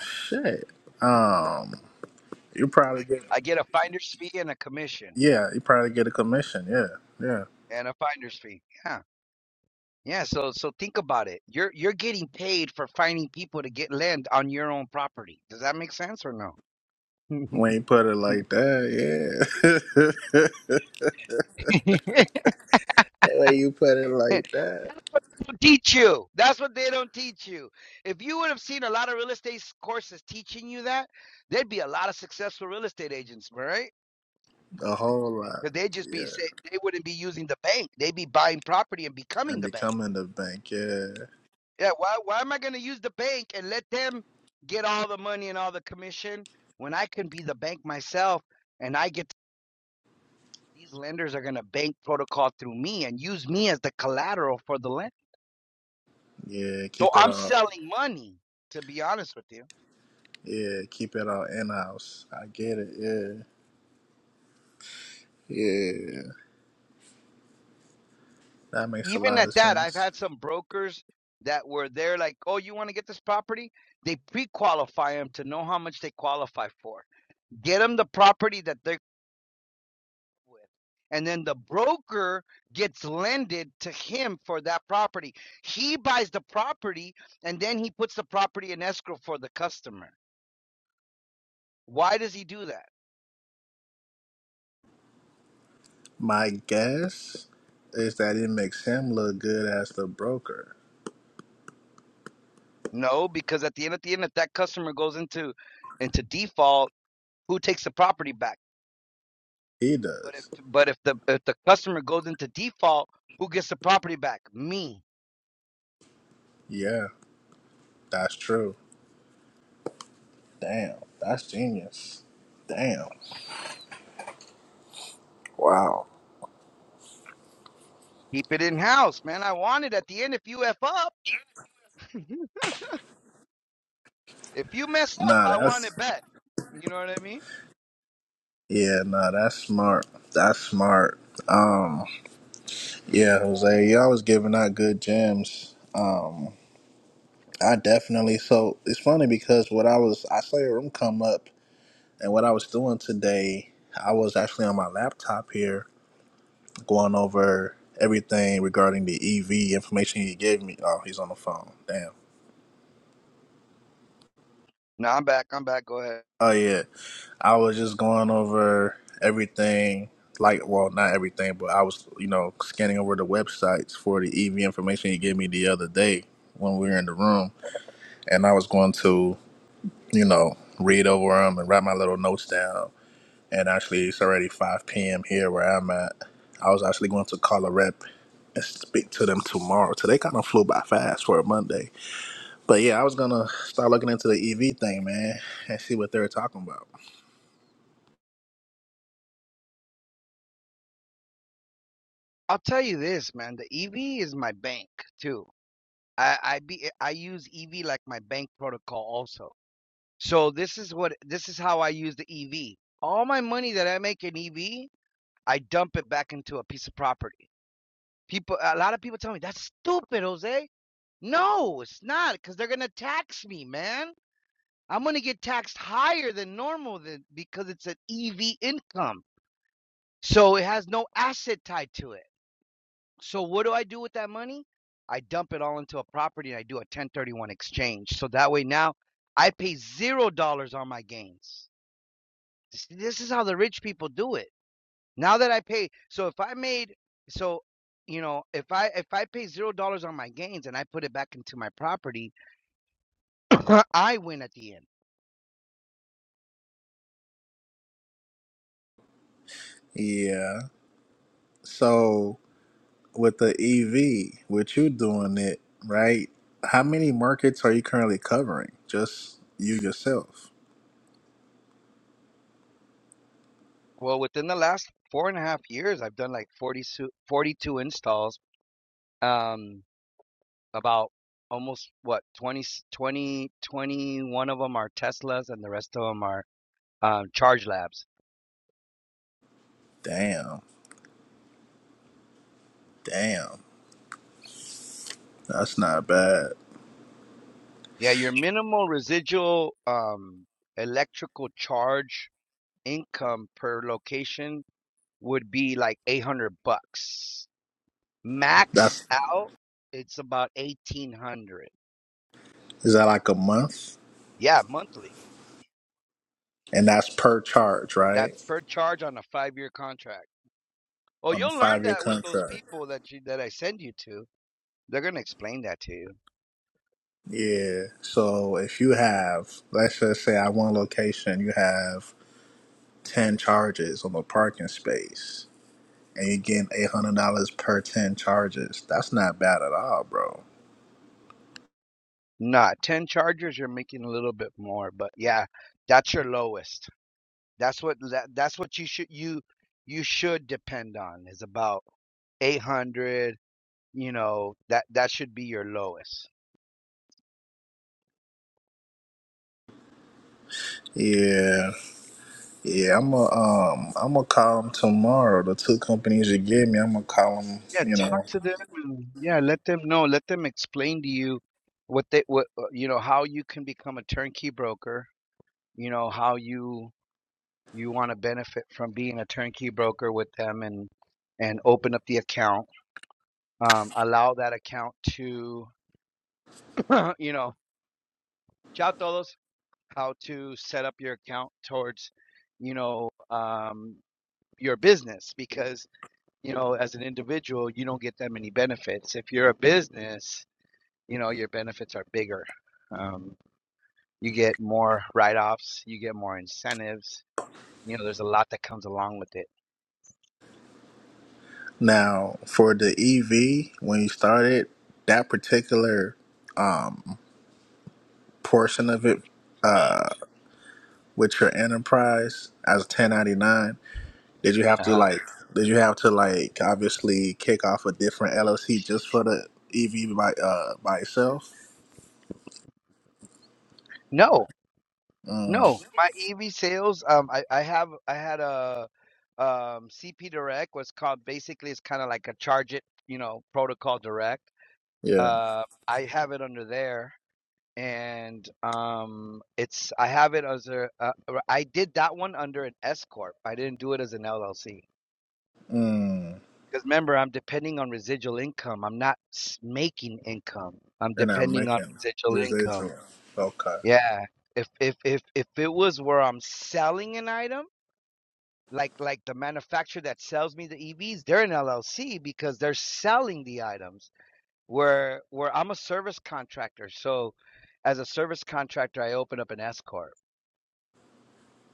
Shit. Um, you probably get
I get a finder's fee and a commission
yeah, you probably get a commission. Yeah, yeah.
and a finder's fee. Yeah. Yeah, so so think about it. You're you're getting paid for finding people to get land on your own property. Does that make sense or no?
When you put it like that, yeah. when you put it like
Don't
that,
teach you. That's what they don't teach you. If you would have seen a lot of real estate s- courses teaching you that, there'd be a lot of successful real estate agents, right?
a whole lot.
Because they'd just be
Yeah,
say, they wouldn't be using the bank. They'd be buying property and becoming
and
the bank.
becoming the bank. Yeah,
Yeah, why why am I going to use the bank and let them get all the money and all the commission when I can be the bank myself and I get these lenders are going to bank protocol through me and use me as the collateral for the lend.
yeah.
So
Keep it
I'm
all.
selling money to be honest with you.
Yeah, keep it all in house. I get it. Yeah. Yeah, That makes a
even
lot of
at that, I've
sense.
had some brokers that were there, like, oh, you want to get this property? They pre qualify them to know how much they qualify for, get them the property that they're with. And then the broker gets lended to him for that property. He buys the property and then he puts the property in escrow for the customer. Why does he do that?
My guess is that it makes him look good as the broker.
No, because at the end at the end, if that customer goes into into default, who takes the property back?
He
But if
does.
but if the if the customer goes into default, who gets the property back? Me.
Yeah, that's true. Damn, that's genius. Damn. Wow.
Keep it in house, man. I want it at the end. If you f up, if you mess up,
Nah,
I want
that's
it back. You know what I mean?
yeah, nah, that's smart. That's smart. Um, yeah, Jose, y'all was giving out good gems. Um, I definitely so it's funny because what I was I saw your room come up and what I was doing today, I was actually on my laptop here going over everything regarding the EV information he gave me. Oh, he's on the phone. Damn.
No, I'm back. I'm back. Go ahead.
Oh yeah, I was just going over everything. Like, well, not everything, but I was, you know, scanning over the websites for the EV information he gave me the other day when we were in the room, and I was going to, you know, read over them and write my little notes down. And actually, it's already 5 p.m. here where I'm at. I was actually going to call a rep and speak to them tomorrow. Today kind of flew by fast for a Monday But yeah, I was gonna start looking into the EV thing, man, and see what they were talking about.
I'll tell you this, man. The EV is my bank too. I I be I use EV like my bank protocol also. So this is what this is how I use the EV. All my money that I make in EV, I dump it back into a piece of property. People, a lot of people tell me that's stupid, Jose. No, it's not because they're gonna tax me, man. I'm gonna get taxed higher than normal than because it's an EV income. So it has no asset tied to it. So what do I do with that money? I dump it all into a property and I do a 1031 exchange. So that way now I pay zero dollars on my gains. This is how the rich people do it. Now that I pay, so if I made, so you know, if I if I pay zero dollars on my gains and I put it back into my property, I win at the end.
Yeah. So with the EV, with you doing it, right? How many markets are you currently covering? Just you yourself.
Well, within the last four and a half years, I've done like 40, su- 42 installs, um, about almost what 20, 20, twenty-one of them are Teslas and the rest of them are um, charge labs.
Damn. Damn. That's not bad.
Yeah, your minimal residual um, electrical charge income per location would be like 800 bucks. Max
That's
out, it's about 1800.
is that like a month?
Yeah, monthly.
And that's per charge,
That's
right?
per charge on a five year contract. Well,
On a
you'll learn
five year
that with those
contract.
people that you that I send you to. They're gonna explain that to you.
Yeah. So if you have, let's just say, at one location, you have ten charges on the parking space, and you're getting eight hundred dollars per ten charges. That's not bad at all, bro.
Not ten chargers. You're making a little bit more, but yeah, that's your lowest. That's what that, that's what you should you you should depend on is about eight hundred. You know that that should be your lowest.
Yeah, yeah. I'm gonna um, I'm gonna call them tomorrow. The two companies you gave me, I'm gonna call them.
Yeah,
You
talk
know,
to them. and- Yeah, let them know. Let them explain to you what they what uh, you know how you can become a turnkey broker. You know how you you want to benefit from being a turnkey broker with them and and open up the account. Um, allow that account to you know chao todos how to set up your account towards you know um, your business because you know as an individual you don't get that many benefits. If you're a business you know your benefits are bigger um, you get more write-offs you get more incentives you know there's a lot that comes along with it
now for the EV, when you started that particular um portion of it uh with your enterprise as 1099 Did you have to
uh-huh.
like? Did you have to like obviously kick off a different LLC just for the EV by uh by itself?
no
Mm,
no my ev sales um, I, I have i had a um, cp direct was called basically it's kind of like a charge it you know protocol direct
yeah.
uh, i have it under there and um it's i have it as a uh, i did that one under an s corp i didn't do it as an llc
Mm,
Because remember, I'm depending on residual income. I'm not s- making income. I'm
and I'm
depending on
making
residual income.
residual. Okay.
Yeah. If if if if it was where I'm selling an item, like like the manufacturer that sells me the EVs, they're an LLC because they're selling the items. Where where I'm a service contractor, so as a service contractor, I open up an S corp.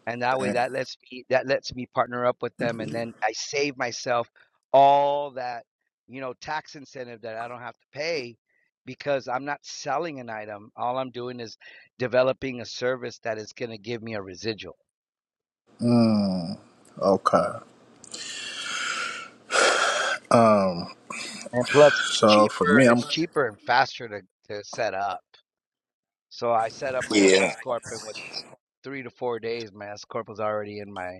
and that way
Damn.
that lets me that lets me partner up with them and then i save myself all that you know tax incentive that i don't have to pay because i'm not selling an item all i'm doing is developing a service that is going to give me a residual
Mm, okay. Um.
and plus it's
So for
cheaper
me, I'm
it's cheaper and faster to, to set up so i set up my
yeah.
s corp and with three to four days my s corp was already in my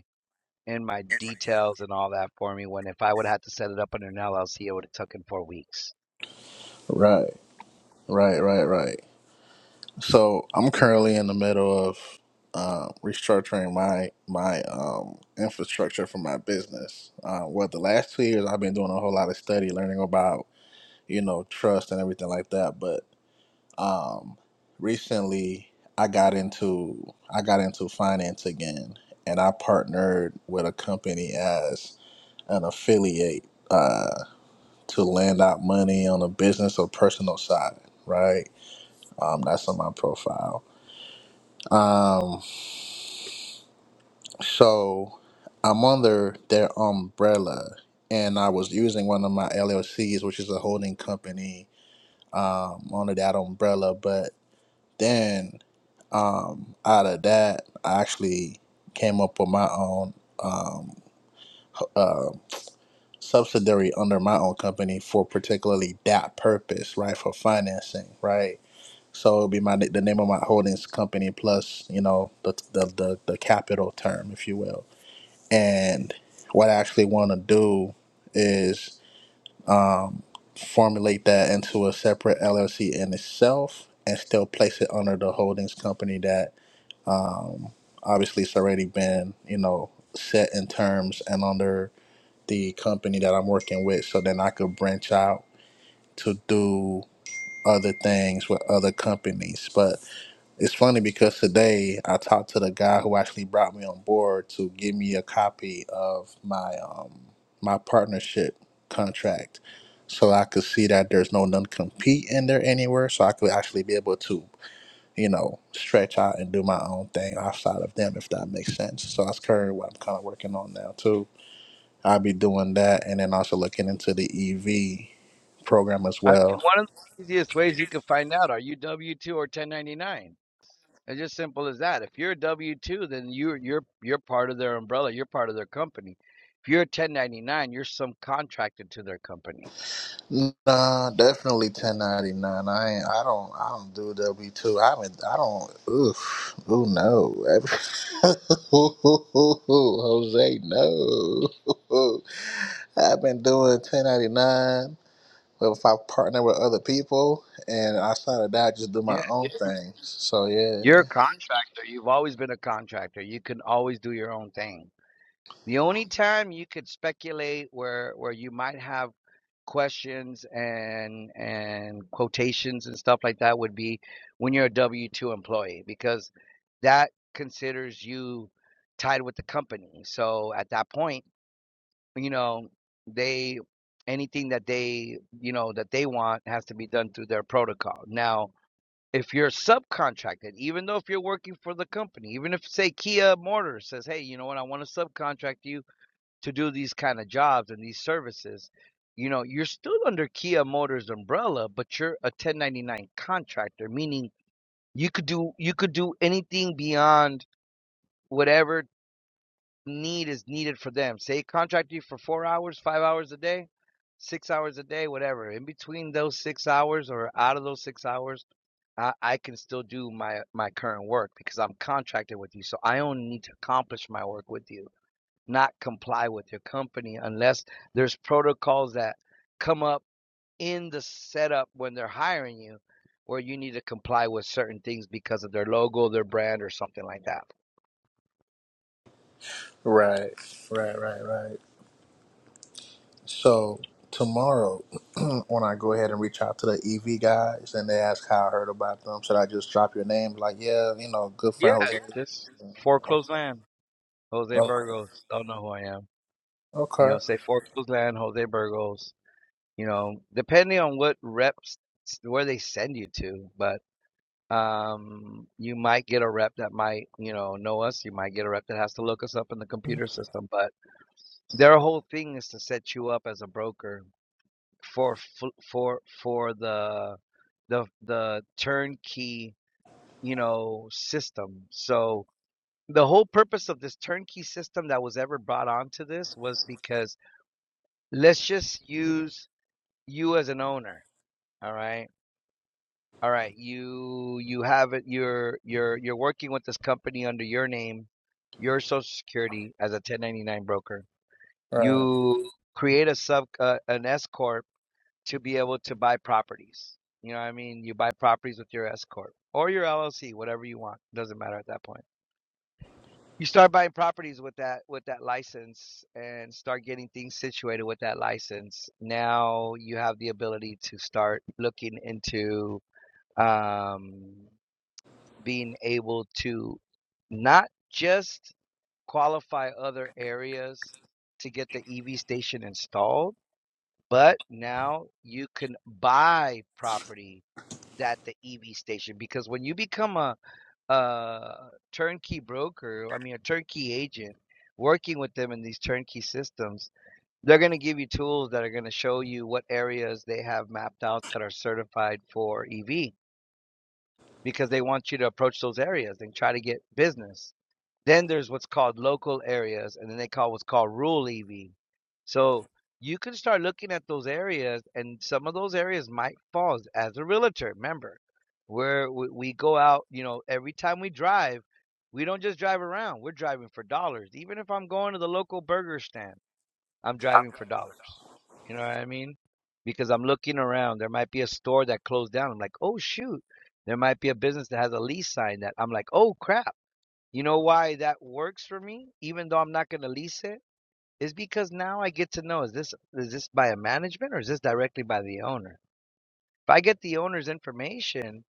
in my details and all that for me when if i would have had to set it up under an llc it would have taken four weeks
Right. Right. Right. Right. So I'm currently in the middle of uh, restructuring my my um, infrastructure for my business. Uh, well, the last two years I've been doing a whole lot of study, learning about you know trust and everything like that. But um, recently I got into I got into finance again, and I partnered with a company as an affiliate uh, to lend out money on a business or personal side. Right, um, that's on my profile. Um, So I'm under their umbrella, and I was using one of my LLCs, which is a holding company, um, under that umbrella. But then um, out of that, I actually came up with my own um, uh, subsidiary under my own company for particularly that purpose, right? For financing, right? So it'll be my the name of my holdings company plus you know the the the, the capital term, if you will And what I actually want to do is um, formulate that into a separate LLC in itself and still place it under the holdings company that um, obviously it's already been, you know, set in terms and under the company that I'm working with. So then I could branch out to do other things with other companies. But it's funny because today I talked to the guy who actually brought me on board to give me a copy of my um my partnership contract, so I could see that there's no non compete in there anywhere, so I could actually be able to you know stretch out and do my own thing outside of them if that makes sense. So that's currently what I'm kind of working on now too. I'll be doing that and then also looking into the EV program as
I
well
mean, one of the easiest ways you can find out are you W two or ten ninety nine. It's just simple as that. If you're a W two, then you're you're you're part of their umbrella. You're part of their company. If you're a ten ninety nine, you're some contracted to their company.
Nah, definitely 1099. I ain't, I don't I don't do W two. I haven't I don't oof. Ooh no. Jose no. I've been doing 1099 but if I partner with other people and outside of that I just do
Yeah,
my own thing. So yeah.
you're a contractor. You've always been a contractor. You can always do your own thing. The only time you could speculate where where you might have questions and and quotations and stuff like that would be when you're a W2 employee because that considers you tied with the company. So at that point, you know, they anything that they, you know, that they want has to be done through their protocol. Now, if you're subcontracted, even though if you're working for the company, even if say Kia Mortar says, "Hey, you know what? I want to subcontract you to do these kind of jobs and these services, you know, you're still under Kia Motors umbrella, but you're a 1099 contractor, meaning you could do you could do anything beyond whatever need is needed for them. Say contract you for 4 hours, 5 hours a day, 6 hours a day, whatever. In between those 6 hours or out of those 6 hours, I, I can still do my my current work because I'm contracted with you. So I only need to accomplish my work with you not comply with your company unless there's protocols that come up in the setup when they're hiring you where you need to comply with certain things because of their logo, their brand, or something like that.
Right. Right, right, right. So tomorrow, when I go ahead and reach out to the EV guys and they ask how I heard about them, should I just drop your name? Like, yeah, you know, good
Yeah,
friend Jose.
just foreclosed land. Jose
Okay.
Burgos. Don't know who I am. You
Okay.
know, say foreclosed land, Jose Burgos. you know, depending on what reps where they send you to, but um you might get a rep that might, you know, know us, you might get a rep that has to look us up in the computer system, but their whole thing is to set you up as a broker for for for the the the turnkey, you know, system. So the whole purpose of this turnkey system that was ever brought onto this was because let's just use you as an owner, all right? All right, you you have it. You're you're you're working with this company under your name, your Social Security as a 1099 broker.
Right.
You create a sub uh, an S corp to be able to buy properties. You know what I mean? You buy properties with your S corp or your LLC, whatever you want. Doesn't matter at that point. You start buying properties with that with that license and start getting things situated with that license. Now you have the ability to start looking into um being able to not just qualify other areas to get the EV station installed, but now you can buy property at the EV station because when you become a, a turnkey broker, I mean a turnkey agent, working with them in these turnkey systems, they're going to give you tools that are going to show you what areas they have mapped out that are certified for EV because they want you to approach those areas and try to get business. Then there's what's called local areas, and then they call what's called rural EV. So you can start looking at those areas, and some of those areas might fall as- a realtor. Remember, where we go out, you know, every time we drive, we don't just drive around, we're driving for dollars. Even if I'm going to the local burger stand, I'm driving for dollars. You know what I mean? Because I'm looking around. There might be a store that closed down. I'm like, oh shoot. There might be a business that has a lease sign that I'm like, oh crap. You know why that works for me, even though I'm not gonna lease it? Is because now I get to know is this is this by a management or is this directly by the owner? If I get the owner's information,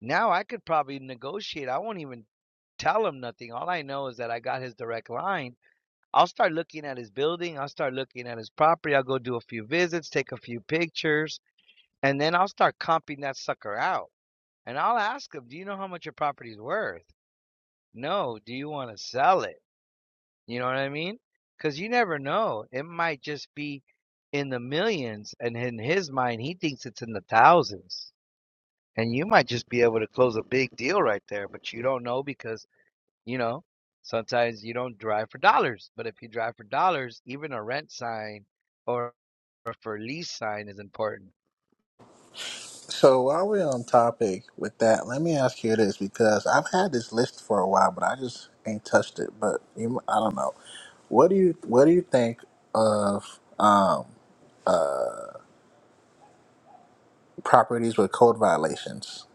now I could probably negotiate. I won't even tell him nothing. All I know is that I got his direct line I'll start looking at his building. I'll start looking at his property. I'll go do a few visits, take a few pictures, and then I'll start comping that sucker out. And I'll ask him, Do you know how much your property's worth? No. Do you want to sell it? You know what I mean? Because you never know. It might just be in the millions. And in his mind, he thinks it's in the thousands. And you might just be able to close a big deal right there, but you don't know because you know, sometimes you don't drive for dollars, but if you drive for dollars, even a rent sign or, or for lease sign is important.
So while we're on topic with that, let me ask you this because I've had this list for a while, but I just ain't touched it. But you, I don't know. What do you What do you think of um, properties with code violations?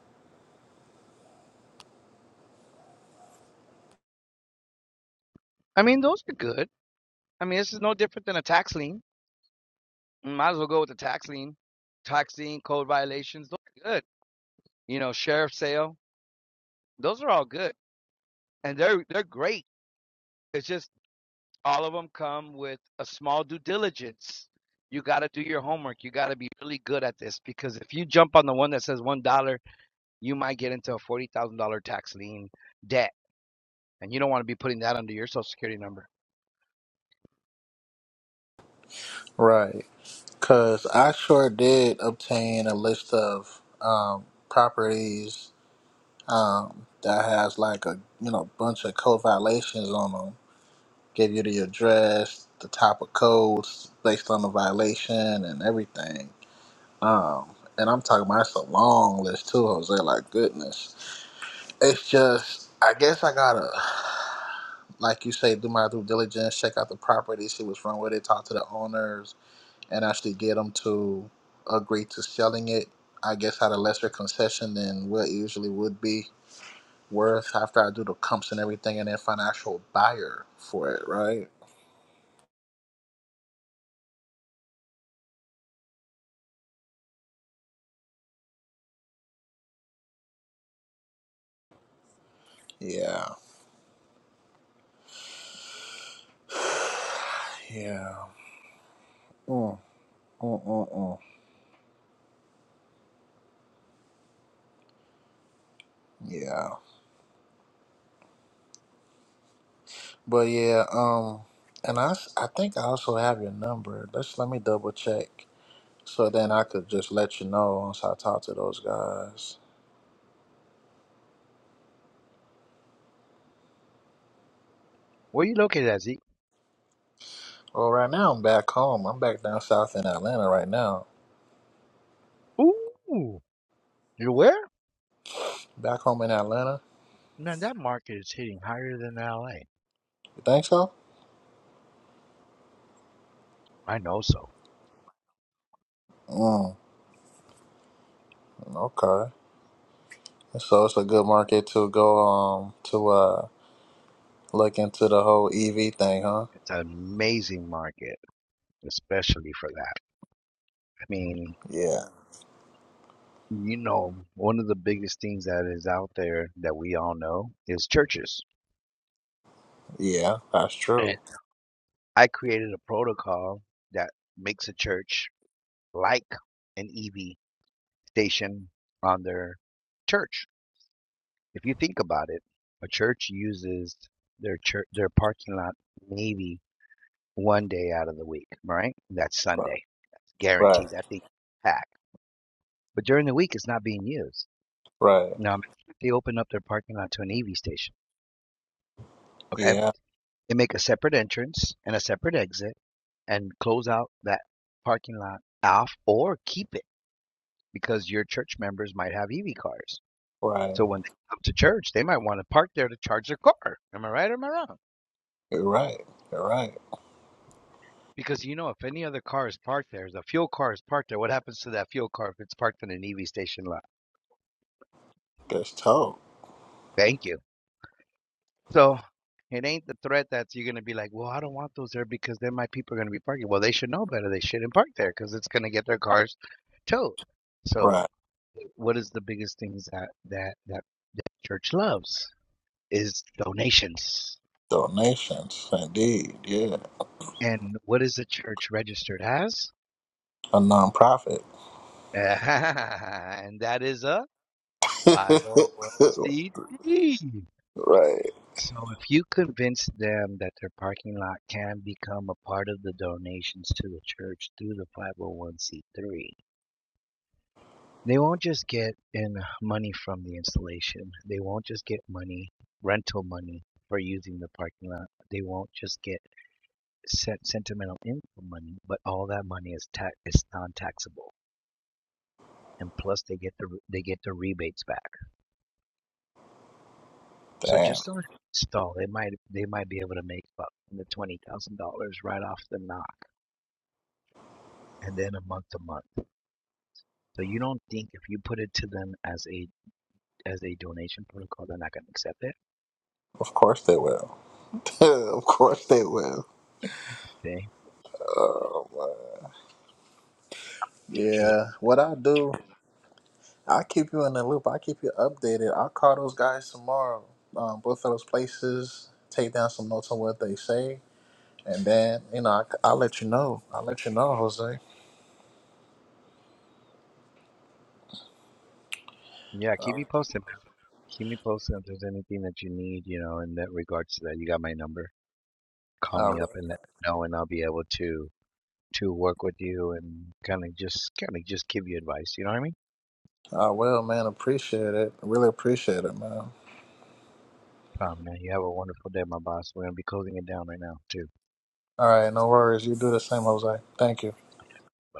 I mean, those are good. I mean, this is no different than a tax lien. Might as well go with the tax lien. Tax lien, code violations, those are good. You know, sheriff sale, those are all good, and they're they're great. It's just all of them come with a small due diligence. You got to do your homework. You got to be really good at this because if you jump on the one that says one dollar you might get into a forty thousand dollar tax lien debt, and you don't want to be putting that under your social security number.
Right. Because I sure did obtain a list of um, properties um, that has like a you know bunch of code violations on them. Give you the address, the type of codes based on the violation, and everything. Um, and I'm talking about it's a long list too, Jose. Like goodness, it's just I guess I gotta like you say do my due diligence, check out the property, see what's wrong with it, talk to the owners and actually get them to agree to selling it, I guess at a lesser concession than what it usually would be worth after I do the comps and everything and then find an actual buyer for it, right? Yeah. Yeah. Mm, mm, mm, mm. Yeah. But yeah, um, and I, s- I think I also have your number. Let's let me double check. So then I could just let you know once I talk to those guys.
Where are you located at, Zeke?
Well, right now I'm back home. I'm back down south in Atlanta right now.
Ooh, you're where?
Back home in Atlanta.
Man, that market is hitting higher than LA.
You think so?
I know so.
Mm, okay. So it's a good market to go um to uh look into the whole EV thing, huh?
It's an amazing market, especially for that. I mean,
Yeah.
you know, one of the biggest things that is out there that we all know is churches.
Yeah, that's
And
true.
I created a protocol that makes a church like an EV station on their church. If you think about it, a church uses their church their parking lot maybe one day out of the week, right? That's
Right.
Sunday. That's
Right.
guaranteed. That thing packed. But during the week, it's not being used.
Right.
Now if they open up their parking lot to an EV station. Okay,
Yeah.
they make a separate entrance and a separate exit and close out that parking lot off or keep it because your church members might have EV cars.
Right.
So when they come to church, they might want to park there to charge their car. Am I right or am I wrong?
You're right. You're right.
Because you know, if any other car is parked there, the fuel car is parked there. What happens to that fuel car if it's parked in an EV station lot?
That's told.
Thank you. So it ain't the threat that you're gonna be like, well, I don't want those there because then my people are gonna be parking. Well, they should know better. They shouldn't park there because it's gonna get their cars towed. So,
Right.
what is the biggest things that that that, that church loves is donations.
Donations, indeed. Yeah.
And what is the church registered as?
A nonprofit.
and that is a 501c3.
right.
So if you convince them that their parking lot can become a part of the donations to the church through the 501c3, they won't just get in money from the installation. They won't just get money, rental money for using the parking lot. They won't just get sentimental income money, but all that money is ta- is non-taxable. and plus they get the they get the rebates back. So
Damn.
just on install they might they might be able to make up the twenty thousand dollars right off the knock, and then a month to month. So you don't think if you put it to them as a as a donation protocol, they're not going to accept it?
Of course they will. of course they will.
Okay. Churches
Yeah. What I do? I'll keep you in the loop. I'll keep you updated. I'll call those guys tomorrow. Um, both of those places, take down some notes on what they say, and then you know I, I'll let you know. I'll let you know, Jose.
are- yeah,
Uh,
keep me posted. man. Keep me posted if there's anything that you need, you know, in that regards to that. You got my number. Call
I,
me up and let me know, and I'll be able to to work with you and kind of just kind of just give you advice. You know what I mean?
I will, man. Appreciate it. Really appreciate it, man.
Oh, man, you have a wonderful day, my boss. We're going to be closing it down right now, too.
All right, no worries. You do the same, Jose. Thank you.
Bye.